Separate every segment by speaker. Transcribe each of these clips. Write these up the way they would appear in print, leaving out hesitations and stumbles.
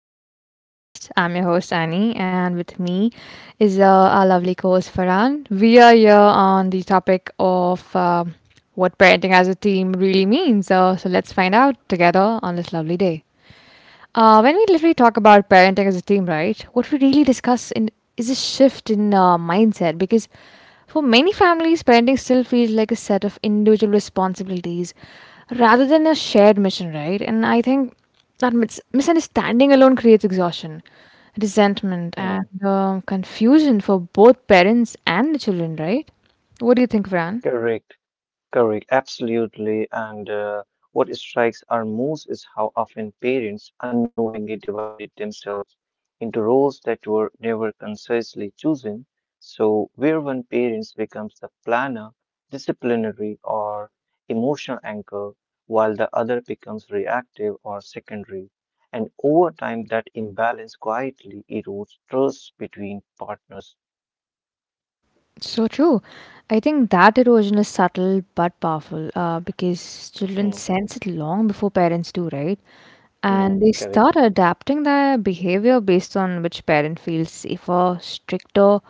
Speaker 1: Welcome to the podcast. I'm your host, Annie, and with me is our lovely co host, Farhan. We are here on the topic of what parenting as a team really means. So let's find out together on this lovely day. When we literally talk about parenting as a team, right? What we really discuss in is a shift in mindset because for many families, parenting still feels like a set of individual responsibilities rather than a shared mission, right? And I think that misunderstanding alone creates exhaustion, resentment, and
Speaker 2: Mm,
Speaker 1: confusion for both parents and the children, right? What do you think, Fran?
Speaker 2: correct, correct, absolutely. And What strikes our most is how often parents unknowingly divided themselves into roles that were never consciously chosen. So, where one parent becomes the planner, disciplinary, or emotional anchor, while the other becomes reactive or secondary. And over time, that imbalance quietly erodes trust between partners.
Speaker 1: So true. I think that erosion is subtle but powerful because children
Speaker 2: Hmm,
Speaker 1: sense it long before parents do, right?
Speaker 2: hmm,
Speaker 1: And they
Speaker 2: Correct.
Speaker 1: start adapting their behavior based on which parent feels safer, stricter,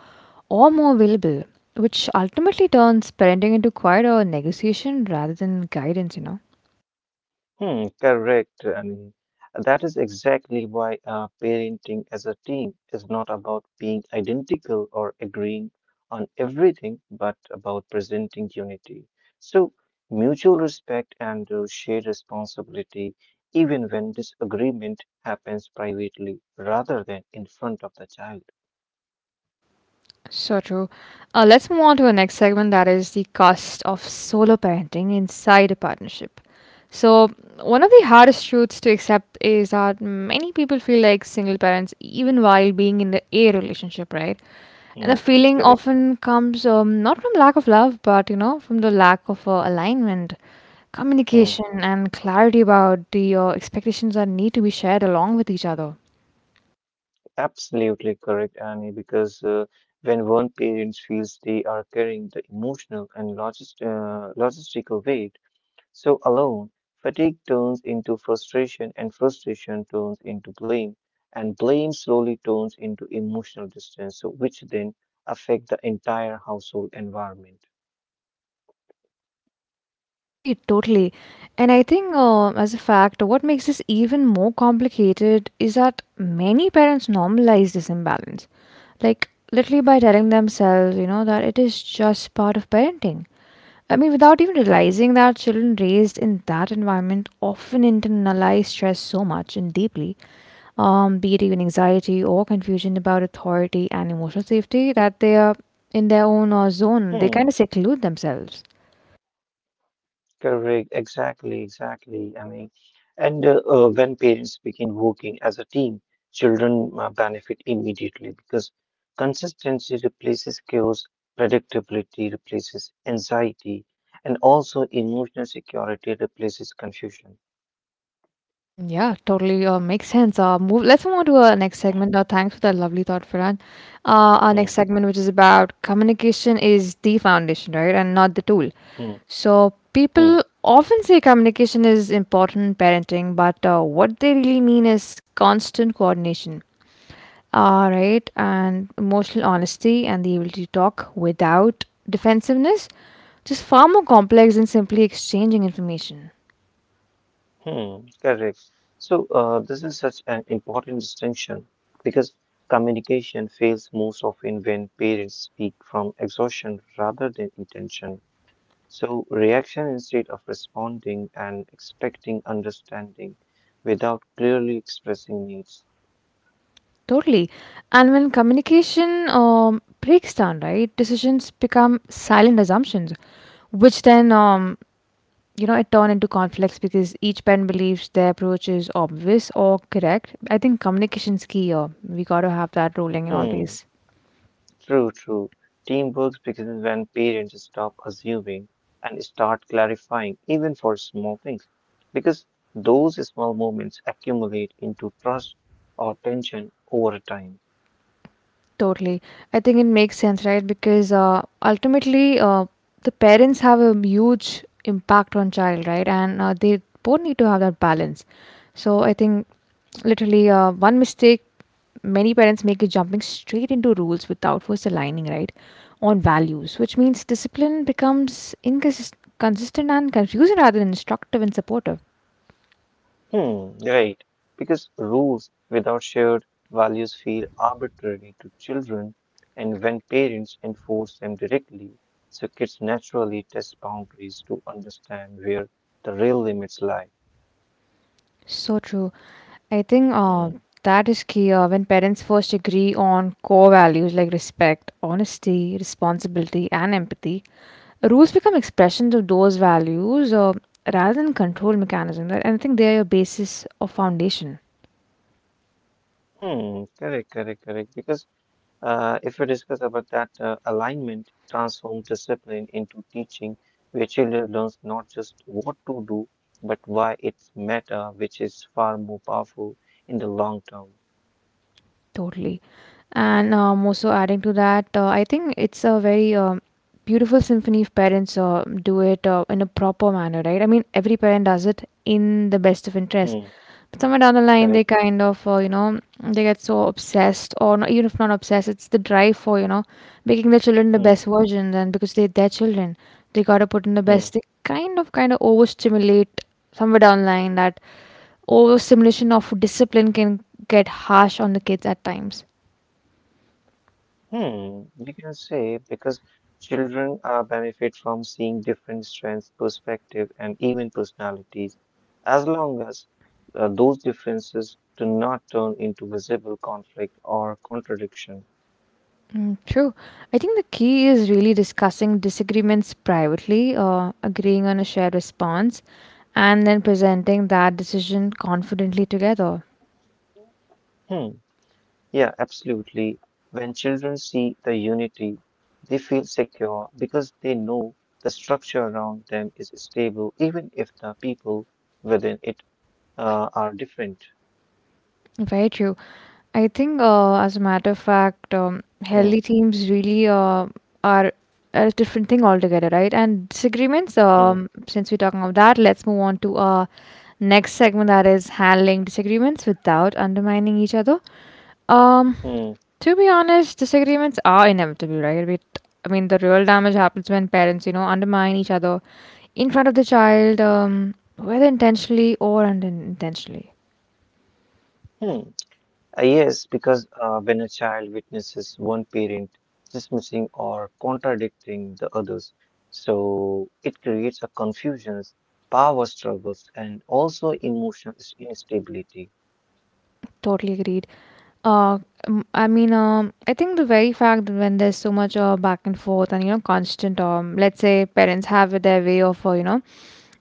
Speaker 1: or more available, which ultimately turns parenting into quite a negotiation rather than guidance.
Speaker 2: Correct. And that is exactly why parenting as a team is not about being identical or agreeing on everything, but about presenting unity. So, mutual respect and shared responsibility, even when disagreement happens privately rather than in front of the child.
Speaker 1: So true. Let's move on to our next segment that is the cost of solo parenting inside a partnership. So, one of the hardest truths to accept is that many people feel like single parents even while being in the a relationship, right? And the
Speaker 2: Hmm,
Speaker 1: feeling
Speaker 2: Correct.
Speaker 1: often comes not from lack of love, but you know, from the lack of alignment,
Speaker 2: Hmm.
Speaker 1: communication, and clarity about the expectations that need to be shared along with each other.
Speaker 2: Absolutely correct, Annie, because when one parent feels they are carrying the emotional and logistical weight so alone, fatigue turns into frustration, and frustration turns into blame, and blame slowly turns into emotional distance, so which then affect the entire household environment.
Speaker 1: Agreed, totally. And I think, as a fact, what makes this even more complicated is that many parents normalize this imbalance. Like, literally by telling themselves, you know, that it is just part of parenting. I mean, without even realizing that children raised in that environment often internalize stress so much and deeply, be it even anxiety or confusion about authority and emotional safety, that they are in their own zone. They kind
Speaker 2: Hmm.
Speaker 1: of seclude themselves.
Speaker 2: Correct, exactly. I mean, and when parents begin working as a team, children benefit immediately because consistency replaces chaos, predictability replaces anxiety, and also emotional security replaces confusion.
Speaker 1: Mm, yeah, totally makes sense. Move. Let's move on to our next segment. Thanks for that lovely thought, Farhan. Our next segment, which is about communication, is the foundation, right, and not the tool. So people often say communication is important in parenting, but what they really mean is constant coordination, right, and emotional honesty and the ability to talk without defensiveness, just far more complex than simply exchanging information. Totally. And when communication breaks down, right, decisions become silent assumptions, which then, you know, it turn into conflicts because each parent believes their approach is obvious or correct. I think communication's key here. We got to have that ruling in always. Totally. I think it makes sense, right? Because ultimately, the parents have a huge impact on child, right? And they both need to have that balance. So I think literally one mistake many parents make a jumping straight into rules without first aligning right on values, which means discipline becomes inconsistent and confusing rather than instructive and supportive. So true. I think that is key. When parents first agree on core values like respect, honesty, responsibility, and empathy, rules become expressions of those values, rather than control mechanisms, and I think they are your basis of foundation. Totally. And also adding to that, I think it's a very beautiful symphony if parents do it in a proper manner, right? I mean, every parent does it in the best of interest. But somewhere down the line, they kind of, you know, they get so obsessed, or not, even if not obsessed, it's the drive for, you know, making their children the best version. And because they're their children, they got to put in the best. They kind of overstimulate somewhere down the line that overstimulation of discipline can get harsh on the kids at times. Mm, true. I think the key is really discussing disagreements privately or agreeing on a shared response and then presenting that decision confidently together. Very true. I think, as a matter of fact, healthy teams really are a different thing altogether, right? And disagreements, since we're talking about that, let's move on to our next segment that is handling disagreements without undermining each other. Um, To be honest, disagreements are inevitable, right? But I mean, the real damage happens when parents, you know, undermine each other in front of the child, whether intentionally or unintentionally. Totally agreed. Uh, I mean, I think the very fact that when there's so much back and forth and, you know, constant, let's say parents have their way of, you know,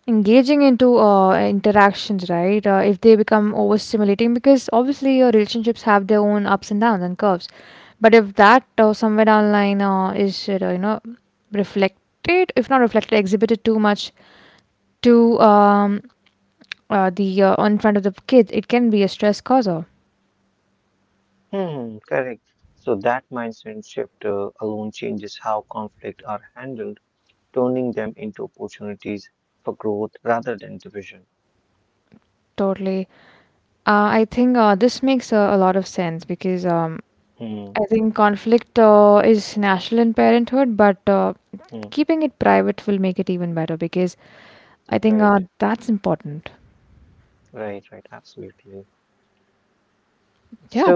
Speaker 1: engaging into interactions, right? If they become overstimulating, because obviously your relationships have their own ups and downs and curves. But if that somewhere down the line is, you know, reflected, if not reflected, exhibited too much to the in front of the kid, it can be a stress causer. Totally. I think this makes a lot of sense because I think conflict is natural in parenthood, but keeping it private will make it even better because I think that's important. Yeah.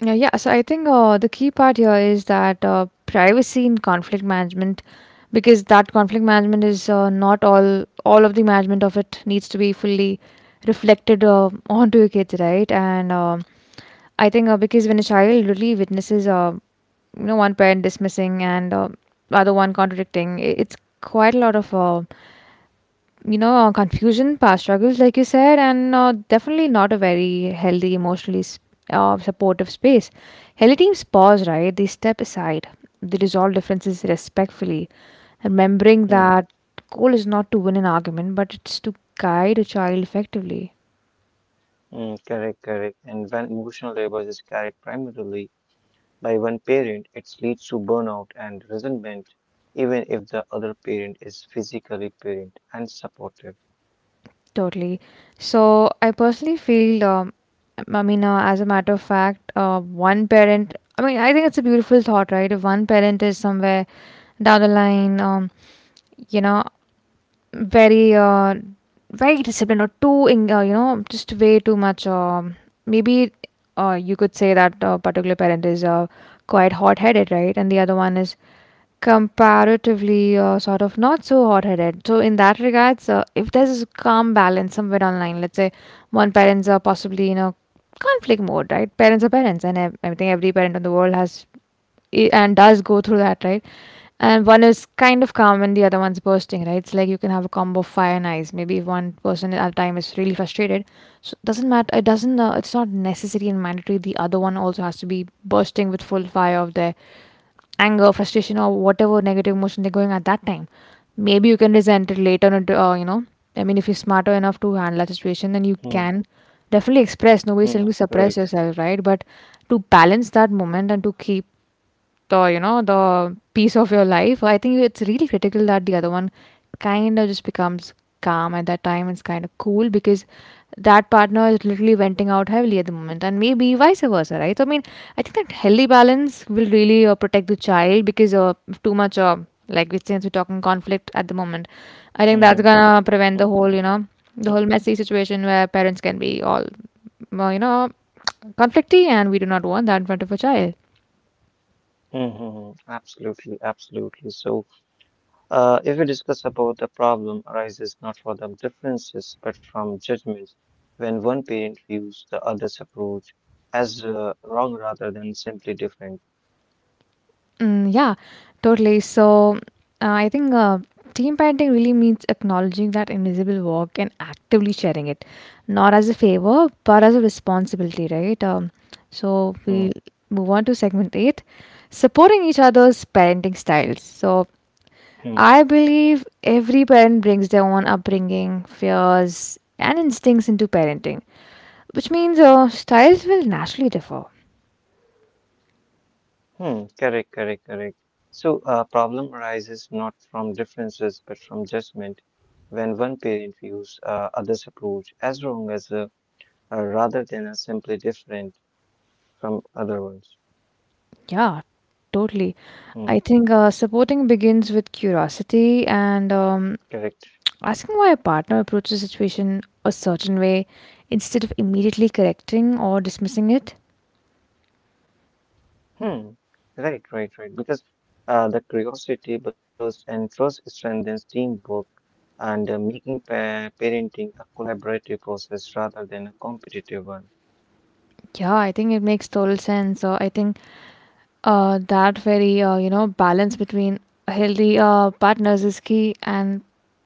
Speaker 1: Yeah. So I think the key part here is that privacy in conflict management, because that conflict management is not all of the management of it needs to be fully reflected onto your kids, right? And I think because when a child really witnesses, you know, one parent dismissing and other one contradicting, it's quite a lot of you know confusion, past struggles like you said, and definitely not a very healthy emotionally supportive space. Healthy teams pause, right? They step aside, they resolve differences respectfully, remembering that goal is not to win an argument, but it's to guide a child effectively. Totally. So I personally feel, I mean as a matter of fact one parent, I mean, I think it's a beautiful thought, right? If one parent is somewhere down the line, you know, very uh, very disciplined or too in, you know, just way too much, maybe you could say that a particular parent is quite hot headed, right, and the other one is comparatively sort of not so hot-headed. So in that regards, if there's a calm balance somewhere online, let's say one parents are possibly in a conflict mode, right? Parents are parents, and I think every parent in the world has and does go through that, right? And one is kind of calm and the other one's bursting, right? It's like you can have a combo of fire and ice. Maybe if one person at a time is really frustrated, so it doesn't matter. It doesn't. It's not necessary and mandatory. The other one also has to be bursting with full fire of their anger, frustration, or whatever negative emotion they're going at that time. Maybe you can resent it later on, into. I mean, if you're smarter enough to handle that situation, then you can definitely express. Nobody's telling you to suppress yourself, right? But to balance that moment and to keep the, you know, the piece of your life, I think it's really critical that the other one kind of just becomes calm at that time. It's kind of cool because that partner is literally venting out heavily at the moment and maybe vice versa, right? So I mean, I think that healthy balance will really protect the child because if too much like we, since we're talking conflict at the moment, I think that's gonna prevent the whole, you know, the whole messy situation where parents can be all you know, conflicty, and we do not want that in front of a child. Mm, yeah, totally. So, I think team parenting really means acknowledging that invisible work and actively sharing it, not as a favor, but as a responsibility, right? So, we move on to segment eight, supporting each other's parenting styles. So, I believe every parent brings their own upbringing, fears, and instincts into parenting, which means styles will naturally differ. Yeah, totally. I think supporting begins with curiosity and asking why a partner approaches a situation a certain way instead of immediately correcting or dismissing it. Yeah, I think it makes total sense. So I think that very you know, balance between healthy partners is key, and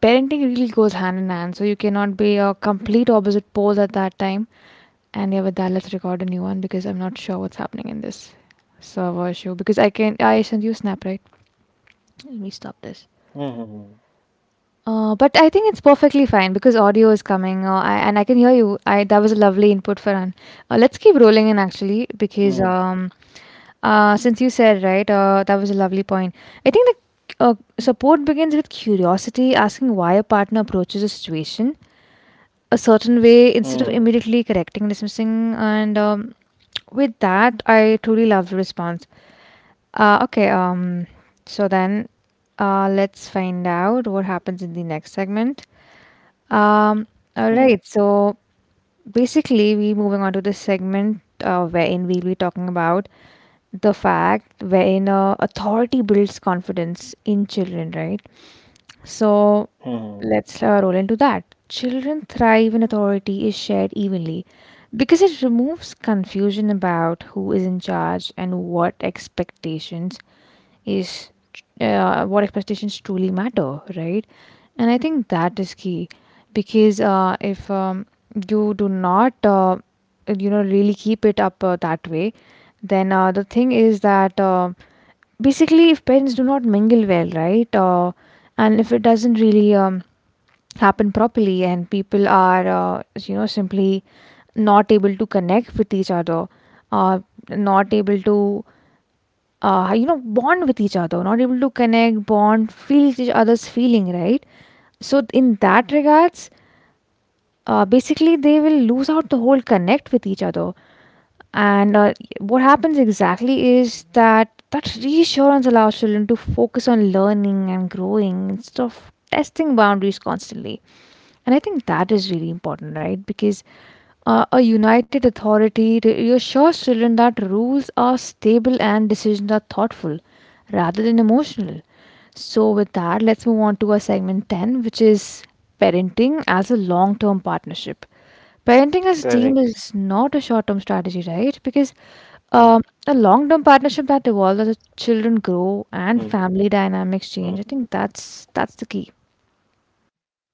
Speaker 1: parenting really goes hand in hand. So you cannot be a complete opposite poles at that time. And yeah, with that, let's record a new one because I'm not sure what's happening in this server issue. Because I sent you a snap right. Let me stop this. But I think it's perfectly fine because audio is coming, and I can hear you. I That was a lovely input, Farhan. Let's keep rolling in actually because since you said, right, that was a lovely point. I think the support begins with curiosity, asking why a partner approaches a situation a certain way instead of immediately correcting, dismissing, and with that, I truly love the response. Okay, so then let's find out what happens in the next segment. Um, all right. So basically, we moving on to this segment wherein we'll be talking about the fact wherein authority builds confidence in children, right? So let's roll into that. Children thrive when authority is shared evenly because it removes confusion about who is in charge and is what expectations truly matter, right? And I think that is key because if you do not you know really keep it up that way, then the thing is that basically if parents do not mingle well, right, and if it doesn't really happen properly and people are you know simply not able to connect with each other, uh, not able to you know bond with each other, not able to connect, bond, feel each other's feeling, right? So in that regards, basically, they will lose out the whole connect with each other. And what happens exactly is that that reassurance allows children to focus on learning and growing instead of testing boundaries constantly. And I think that is really important, right? Because a united reassures children that rules are stable and decisions are thoughtful rather than emotional. So, with that, let's move on to our segment 10, which is parenting as a long term partnership. Parenting as a team
Speaker 2: Correct.
Speaker 1: is not a short term strategy, right? Because
Speaker 2: Mm-hmm.
Speaker 1: a long term partnership that evolves as the children grow and
Speaker 2: Mm-hmm.
Speaker 1: family dynamics change, I think that's the key.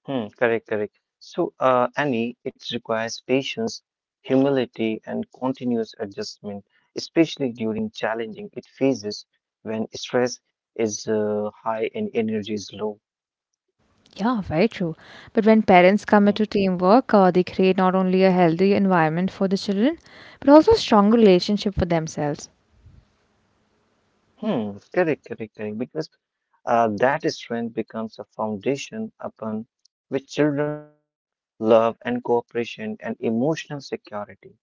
Speaker 2: Mm-hmm. Correct. So, Annie, it requires patience, humility, and continuous adjustment, especially during challenging it phases when stress is high and energy is low.
Speaker 1: Yeah, very true. But when parents commit
Speaker 2: Hmm.
Speaker 1: to teamwork, they create not only a healthy environment for the children, but also a strong relationship for themselves.
Speaker 2: Hmm. Correct. Because that strength becomes a foundation upon which children learn love and cooperation and emotional security.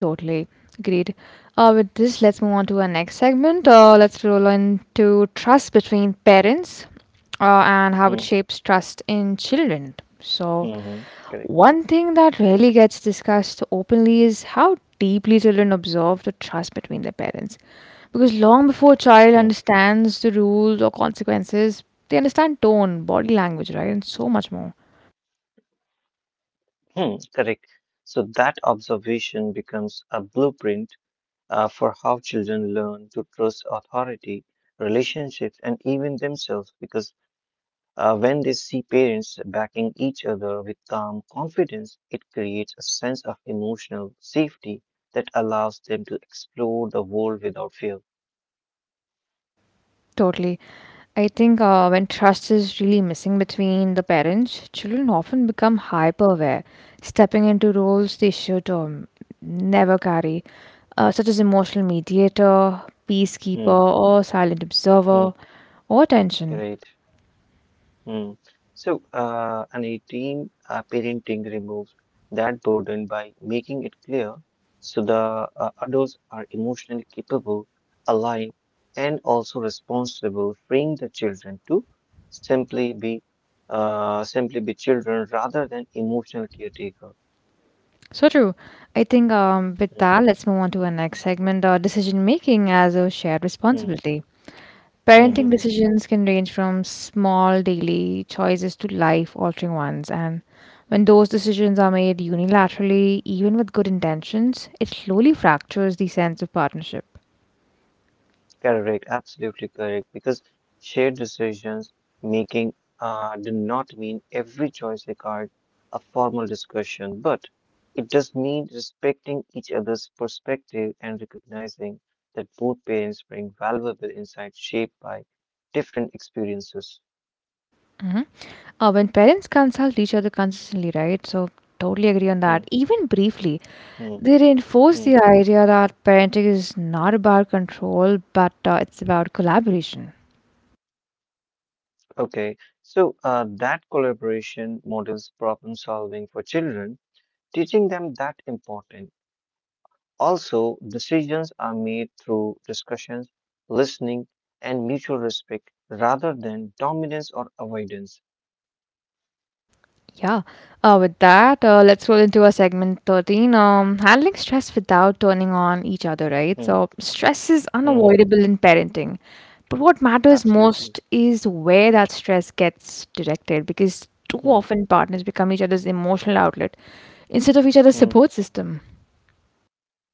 Speaker 1: Totally agreed. With this, let's move on to our next segment. Let's roll into trust between parents and how
Speaker 2: Hmm.
Speaker 1: it shapes trust in children. So,
Speaker 2: Mm-hmm. Correct.
Speaker 1: one thing that rarely gets discussed openly is how deeply children observe the trust between their parents. Because long before a child
Speaker 2: Hmm.
Speaker 1: understands the rules or consequences, they understand tone, body language, right, and so much more.
Speaker 2: Correct. So that observation becomes a blueprint for how children learn to trust authority, relationships, and even themselves. Because when they see parents backing each other with calm confidence, it creates a sense of emotional safety that allows them to explore the world without fear.
Speaker 1: Totally. I think when trust is really missing between the parents, children often become hyper aware, stepping into roles they should never carry, such as emotional mediator, peacekeeper,
Speaker 2: Hmm,
Speaker 1: or silent
Speaker 2: hmm,
Speaker 1: observer, or attention.
Speaker 2: right. Mm. So, an a team parenting removes that burden by making it clear so the adults are emotionally capable, aligned, and also responsible, freeing the children to simply be simply be children rather than emotional caretaker.
Speaker 1: So true. I think with
Speaker 2: Mm,
Speaker 1: that, let's move on to our next segment decision making as a shared
Speaker 2: mm,
Speaker 1: responsibility.
Speaker 2: mm,
Speaker 1: Parenting
Speaker 2: mm, mm.
Speaker 1: decisions can range from small daily choices to life altering ones, and when those decisions are made unilaterally, even with good intentions, it slowly fractures the sense of partnership.
Speaker 2: Correct, absolutely correct. Because shared decisions making do not mean every choice requires a formal discussion, but it does mean respecting each other's perspective and recognizing that both parents bring valuable insights shaped by different experiences.
Speaker 1: Mhm. When parents consult each other consistently, right? So, totally agree on
Speaker 2: Hmm,
Speaker 1: that. Even briefly, they
Speaker 2: hmm,
Speaker 1: reinforce the
Speaker 2: hmm,
Speaker 1: idea that parenting is not about control, but it's about
Speaker 2: hmm.
Speaker 1: collaboration.
Speaker 2: Okay, so that collaboration models problem solving for children, teaching them that important. Also, decisions are made through discussions, listening, and mutual respect rather than dominance or avoidance.
Speaker 1: Yeah. With that, let's roll into a segment 13. Handling stress without turning on each other, right? So,
Speaker 2: Hmm,
Speaker 1: stress is
Speaker 2: hmm,
Speaker 1: unavoidable in parenting. But what matters
Speaker 2: Absolutely.
Speaker 1: most is where that stress gets directed because too
Speaker 2: Hmm,
Speaker 1: often partners become each other's emotional outlet instead of each other's
Speaker 2: hmm.
Speaker 1: support system.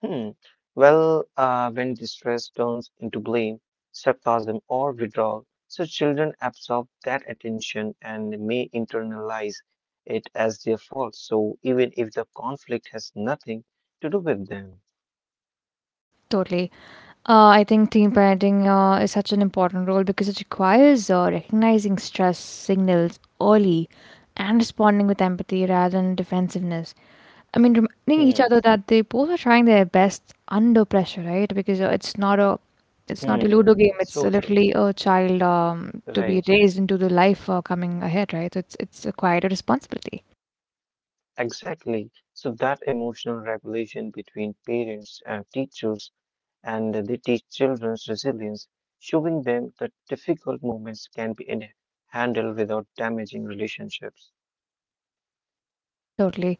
Speaker 2: Hmm. Well, when distress turns into blame, sarcasm, or withdrawal, so children absorb that attention and may internalize it as their fault. So even if the conflict has nothing to do with them.
Speaker 1: Totally. I think team parenting is such an important role because it requires recognizing stress signals early and responding with empathy rather than defensiveness. I mean, reminding each
Speaker 2: Hmm.
Speaker 1: other that they both are trying their best under pressure, right? Because it's not a Ludo
Speaker 2: Hmm.
Speaker 1: game.
Speaker 2: So
Speaker 1: It's
Speaker 2: true.
Speaker 1: literally a child to
Speaker 2: Right.
Speaker 1: be raised into the life coming ahead, right? So it's a quite a responsibility.
Speaker 2: Exactly. So that emotional regulation between parents and teachers and they teach children's resilience, showing them that difficult moments can be handled without damaging relationships.
Speaker 1: Totally.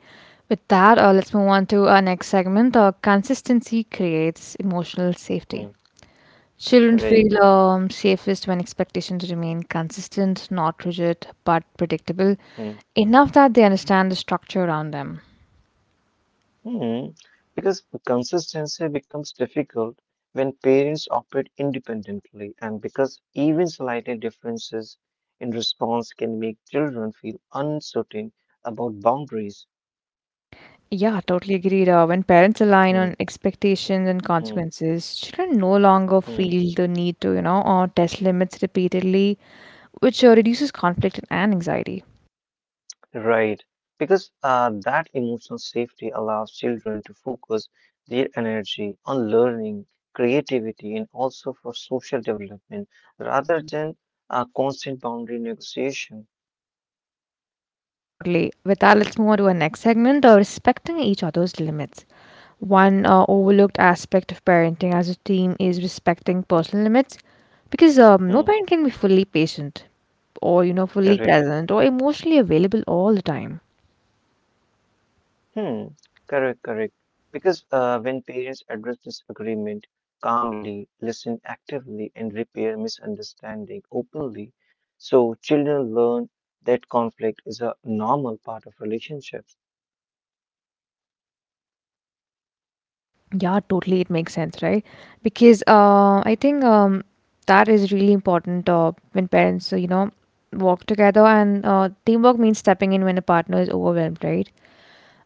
Speaker 1: With that, let's move on to our next segment. Consistency creates emotional
Speaker 2: Hmm.
Speaker 1: safety. Children
Speaker 2: Right.
Speaker 1: feel safest when expectations remain consistent, not rigid, but predictable,
Speaker 2: Hmm.
Speaker 1: enough that they understand the structure around them.
Speaker 2: Hmm. Because consistency becomes difficult when parents operate independently, and because even slight differences in response can make children feel uncertain about boundaries.
Speaker 1: Yeah, totally agreed. When parents align
Speaker 2: Hmm.
Speaker 1: on expectations and
Speaker 2: Hmm.
Speaker 1: consequences, children no longer
Speaker 2: Hmm.
Speaker 1: feel the need to, you know, or test limits repeatedly, which reduces conflict and anxiety.
Speaker 2: Right, because that emotional safety allows children to focus their energy on learning, creativity, and also for social development rather than a constant boundary negotiation.
Speaker 1: Totally. With that, let's move on to our next segment of respecting each other's limits. One overlooked aspect of parenting as a team is respecting personal limits because no
Speaker 2: Hmm,
Speaker 1: parent can be fully patient or, you know, fully
Speaker 2: correct.
Speaker 1: present or emotionally available all the time.
Speaker 2: Hmm, correct. Because when parents address disagreement calmly, listen actively, and repair misunderstanding openly, so children learn that conflict is a normal part of relationships.
Speaker 1: Yeah, totally. It makes sense, right? Because I think that is really important when parents, you know, work together. And teamwork means stepping in when a partner is overwhelmed, right?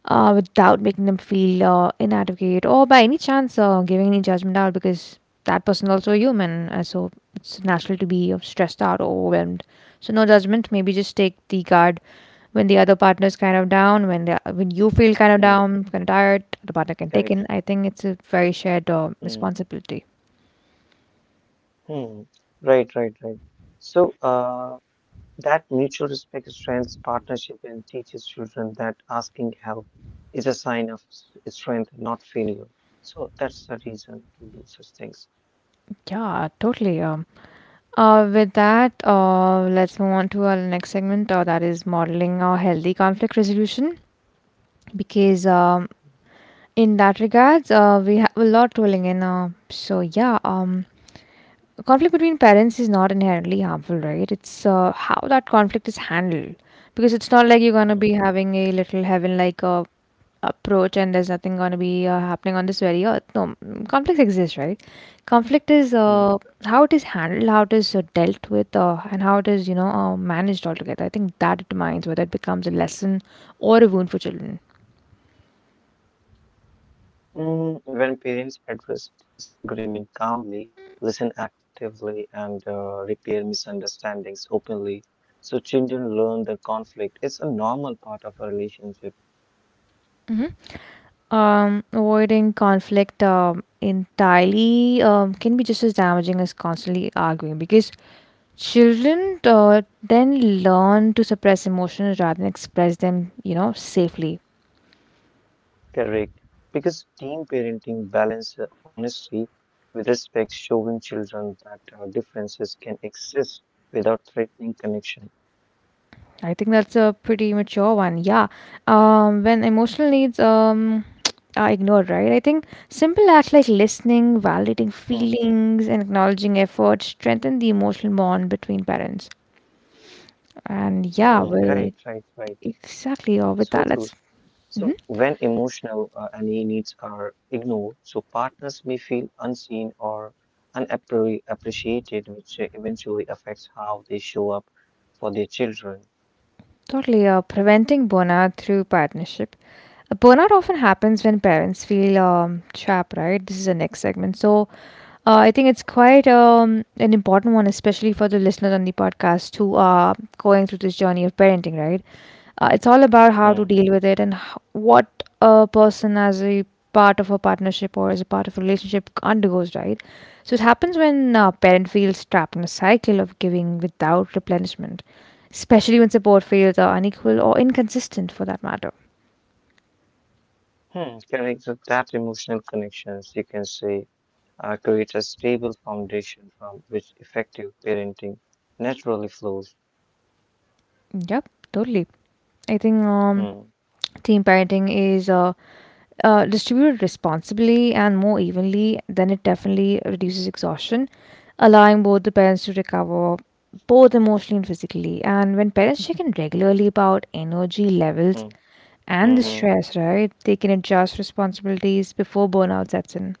Speaker 1: Without making them feel inadequate or by any chance giving any judgment out because that person also a human. So it's natural to be stressed out or overwhelmed. So no judgment. Maybe just take the guard when the other partner is kind of down, when you feel kind of
Speaker 2: Hmm,
Speaker 1: down, kind of tired, the partner can take
Speaker 2: correct.
Speaker 1: in. I think it's a very shared
Speaker 2: Mm,
Speaker 1: responsibility.
Speaker 2: hmm. Right. So that mutual respect strengthens partnership and teaches children that asking help is a sign of strength, not failure. So that's the reason to do such things.
Speaker 1: Yeah, totally. With that, let's move on to our next segment, that is modeling our healthy conflict resolution. Because in that regards, we have a lot rolling in. So yeah, conflict between parents is not inherently harmful, right? It's how that conflict is handled because it's not like you're gonna be
Speaker 2: Mm,
Speaker 1: having a little heaven like approach and there's nothing going to be happening on this very earth. No, conflicts exist, right? Conflict is
Speaker 2: mm.
Speaker 1: how it is handled, how it is dealt with, and how it is, you know, managed altogether. I think that determines whether it becomes a lesson or a wound for children.
Speaker 2: Mm, when parents address disagreement calmly, listen actively, and repair misunderstandings openly, so children learn that conflict is a normal part of a relationship.
Speaker 1: Hmm. Avoiding conflict entirely can be just as damaging as constantly arguing because children uh, then learn to suppress emotions rather than express them, you know, safely.
Speaker 2: Correct. Because team parenting balance honesty with respect, showing children that differences can exist without threatening connection.
Speaker 1: I think that's a pretty mature one. Yeah. When emotional needs are ignored, right? I think simple acts like listening, validating
Speaker 2: Hmm.
Speaker 1: feelings, and acknowledging effort strengthen the emotional bond between parents. And yeah,
Speaker 2: Hmm.
Speaker 1: with
Speaker 2: Right.
Speaker 1: exactly, or with that,
Speaker 2: So
Speaker 1: let's
Speaker 2: true.
Speaker 1: mhm,
Speaker 2: So when emotional and e needs are ignored, so partners may feel unseen or unappreciated, which eventually affects how they show up for their children.
Speaker 1: totally preventing burnout through partnership. Burnout often happens when parents feel trapped, right? This is the next segment. So, I think it's quite an important one, especially for the listeners on the podcast who are going through this journey of parenting, right? It's all about how to
Speaker 2: Hmm.
Speaker 1: deal with it and what a person as a part of a partnership or as a part of a relationship undergoes, right? So it happens when a parent feels trapped in a cycle of giving without replenishment, especially when support fails or unequal or inconsistent for that matter.
Speaker 2: Hmm, correct. So that emotional connections, you can say, create a stable foundation from which effective parenting naturally flows.
Speaker 1: Yep, totally. I think
Speaker 2: Hmm,
Speaker 1: team parenting is. Distributed responsibly and more evenly, then it definitely reduces exhaustion, allowing both the parents to recover both emotionally and physically. And when parents check in regularly about energy levels
Speaker 2: hmm,
Speaker 1: and the
Speaker 2: hmm,
Speaker 1: stress, right, they can adjust responsibilities before burnout sets in.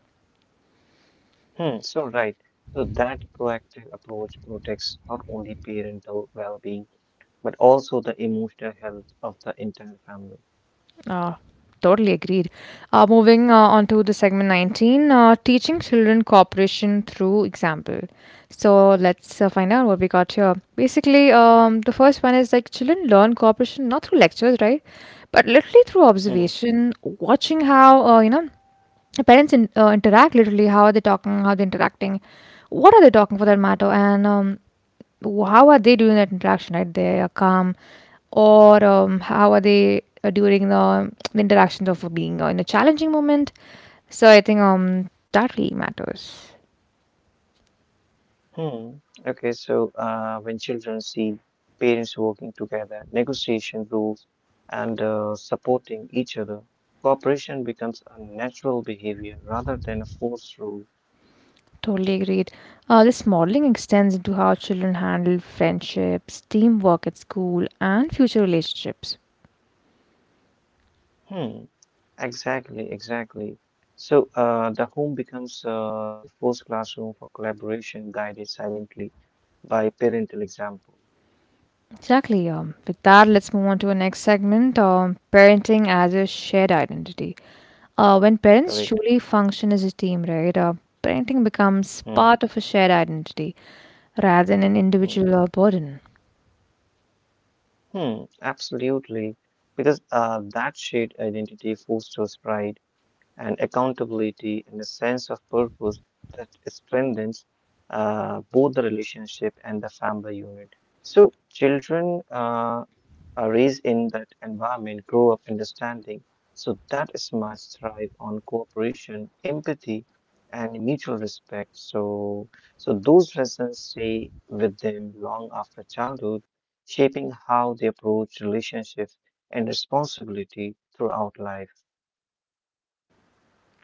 Speaker 2: hmm. So right. So that proactive approach protects not only parental well-being but also the emotional health of the entire family.
Speaker 1: Uh, Totally agreed. Moving on to the segment 19, teaching children cooperation through example. So let's find out what we got here. Basically, the first one is like children learn cooperation not through lectures, right? But literally through
Speaker 2: Hmm.
Speaker 1: observation, watching how, you know, the parents interact, literally, how are they talking, how they interacting, what are they talking for that matter, and how are they doing that interaction, right? They are calm or how are they during the interactions of being in a challenging moment. So I think that really matters.
Speaker 2: Hmm. Okay, so when children see parents working together, negotiation rules, and supporting each other, cooperation becomes a natural behavior rather than a forced rule.
Speaker 1: Totally agreed. This modeling extends into how children handle friendships, teamwork at school, and future relationships.
Speaker 2: Hmm. Exactly. So the home becomes the first classroom for collaboration, guided silently by parental example.
Speaker 1: Exactly. With that, let's move on to our next segment parenting as a shared identity. When parents
Speaker 2: Correct.
Speaker 1: truly function as a team, right, parenting becomes
Speaker 2: Hmm.
Speaker 1: part of a shared identity rather than an
Speaker 2: Hmm.
Speaker 1: individual burden.
Speaker 2: Hmm. Absolutely. Because that shared identity fosters pride and accountability and a sense of purpose that strengthens both the relationship and the family unit. So, children are raised in that environment grow up understanding, so that smarts thrive on cooperation, empathy, and mutual respect. So those lessons stay with them long after childhood, shaping how they approach relationships and responsibility throughout life.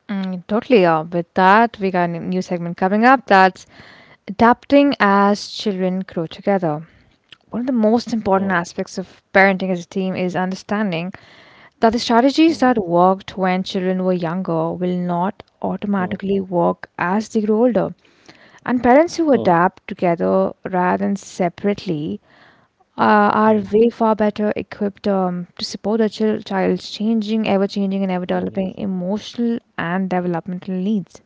Speaker 1: Mm, totally are. With that, we got a new segment coming up, that's adapting as children grow together. One of the most important
Speaker 2: Hmm,
Speaker 1: aspects of parenting as a team is understanding that the strategies
Speaker 2: hmm,
Speaker 1: that worked when children were younger will not
Speaker 2: hmm.
Speaker 1: automatically work as they grow older. And parents who
Speaker 2: Mm,
Speaker 1: adapt together rather than separately are
Speaker 2: mm,
Speaker 1: way far better equipped to support the child's changing, ever changing, and ever
Speaker 2: mhm.
Speaker 1: developing emotional and developmental needs.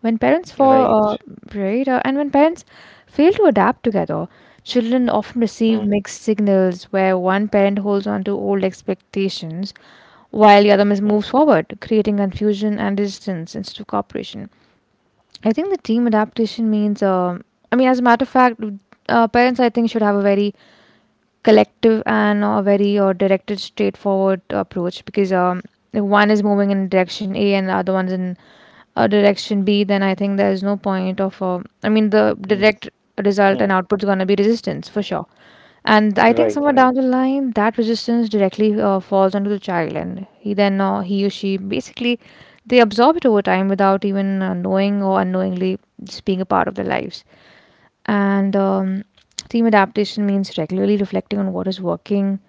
Speaker 1: When parents for
Speaker 2: Right.
Speaker 1: right, and when parents fail to adapt together, children often
Speaker 2: Mm,
Speaker 1: receive mixed signals where one parent holds on to old expectations while the other
Speaker 2: mm,
Speaker 1: moves forward, creating confusion and distance instead of cooperation. I think the team adaptation means, I mean, as a matter of fact, parents I think should have a very collective and a very directed, straightforward approach because one is moving in direction A and the other one's in direction B, then I think there's no point of. I mean, the
Speaker 2: mm,
Speaker 1: direct result and
Speaker 2: mm.
Speaker 1: output's gonna be resistance for sure. And I think
Speaker 2: Right,
Speaker 1: somewhere down
Speaker 2: right.
Speaker 1: the line, that resistance directly falls onto the child, and he or she basically they absorb it over time without even knowing or unknowingly just being a part of their lives. And theme adaptation means regularly reflecting on what is working,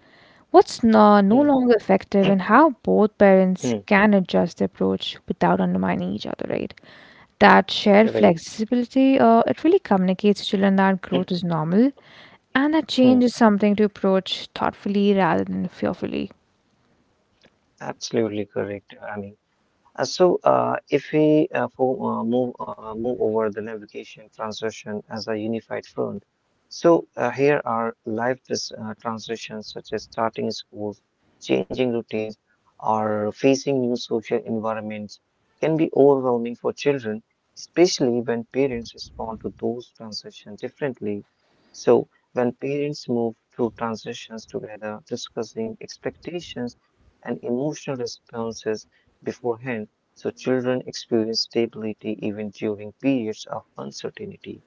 Speaker 1: what's no, no
Speaker 2: Mm,
Speaker 1: longer effective, and how both parents
Speaker 2: mm,
Speaker 1: can adjust the approach without undermining each other, right? That shared
Speaker 2: right.
Speaker 1: flexibility, it really communicates to children that
Speaker 2: Mm,
Speaker 1: growth is normal and that change
Speaker 2: mm.
Speaker 1: is something to approach thoughtfully rather than fearfully.
Speaker 2: Absolutely correct, Ani. So, if we move over the navigation transition as a unified front, so here are life transitions such as starting schools, changing routines, or facing new social environments can be overwhelming for children, especially when parents respond to those transitions differently. So, when parents move through transitions together, discussing expectations and emotional responses beforehand so children experience stability even during periods of uncertainty.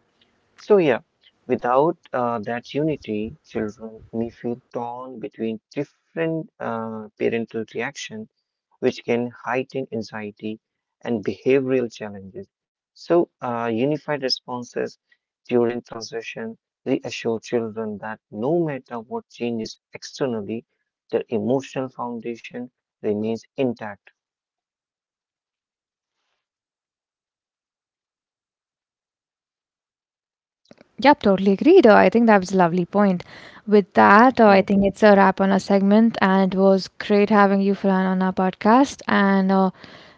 Speaker 2: So yeah, without that unity, children may feel torn between different parental reaction, which can heighten anxiety and behavioral challenges. So unified responses during transition reassure children that no matter what changes externally, their emotional foundation remains intact.
Speaker 1: Yep, totally agreed. I think that was a lovely point. With that, I
Speaker 2: Hmm.
Speaker 1: think it's a wrap on our segment, and it was great having you, Farhan, on our podcast. And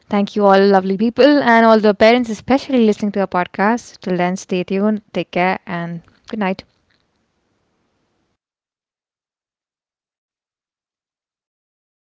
Speaker 1: thank you, all lovely people, and all the parents, especially listening to our podcast. Till then, stay tuned, take care, and good night.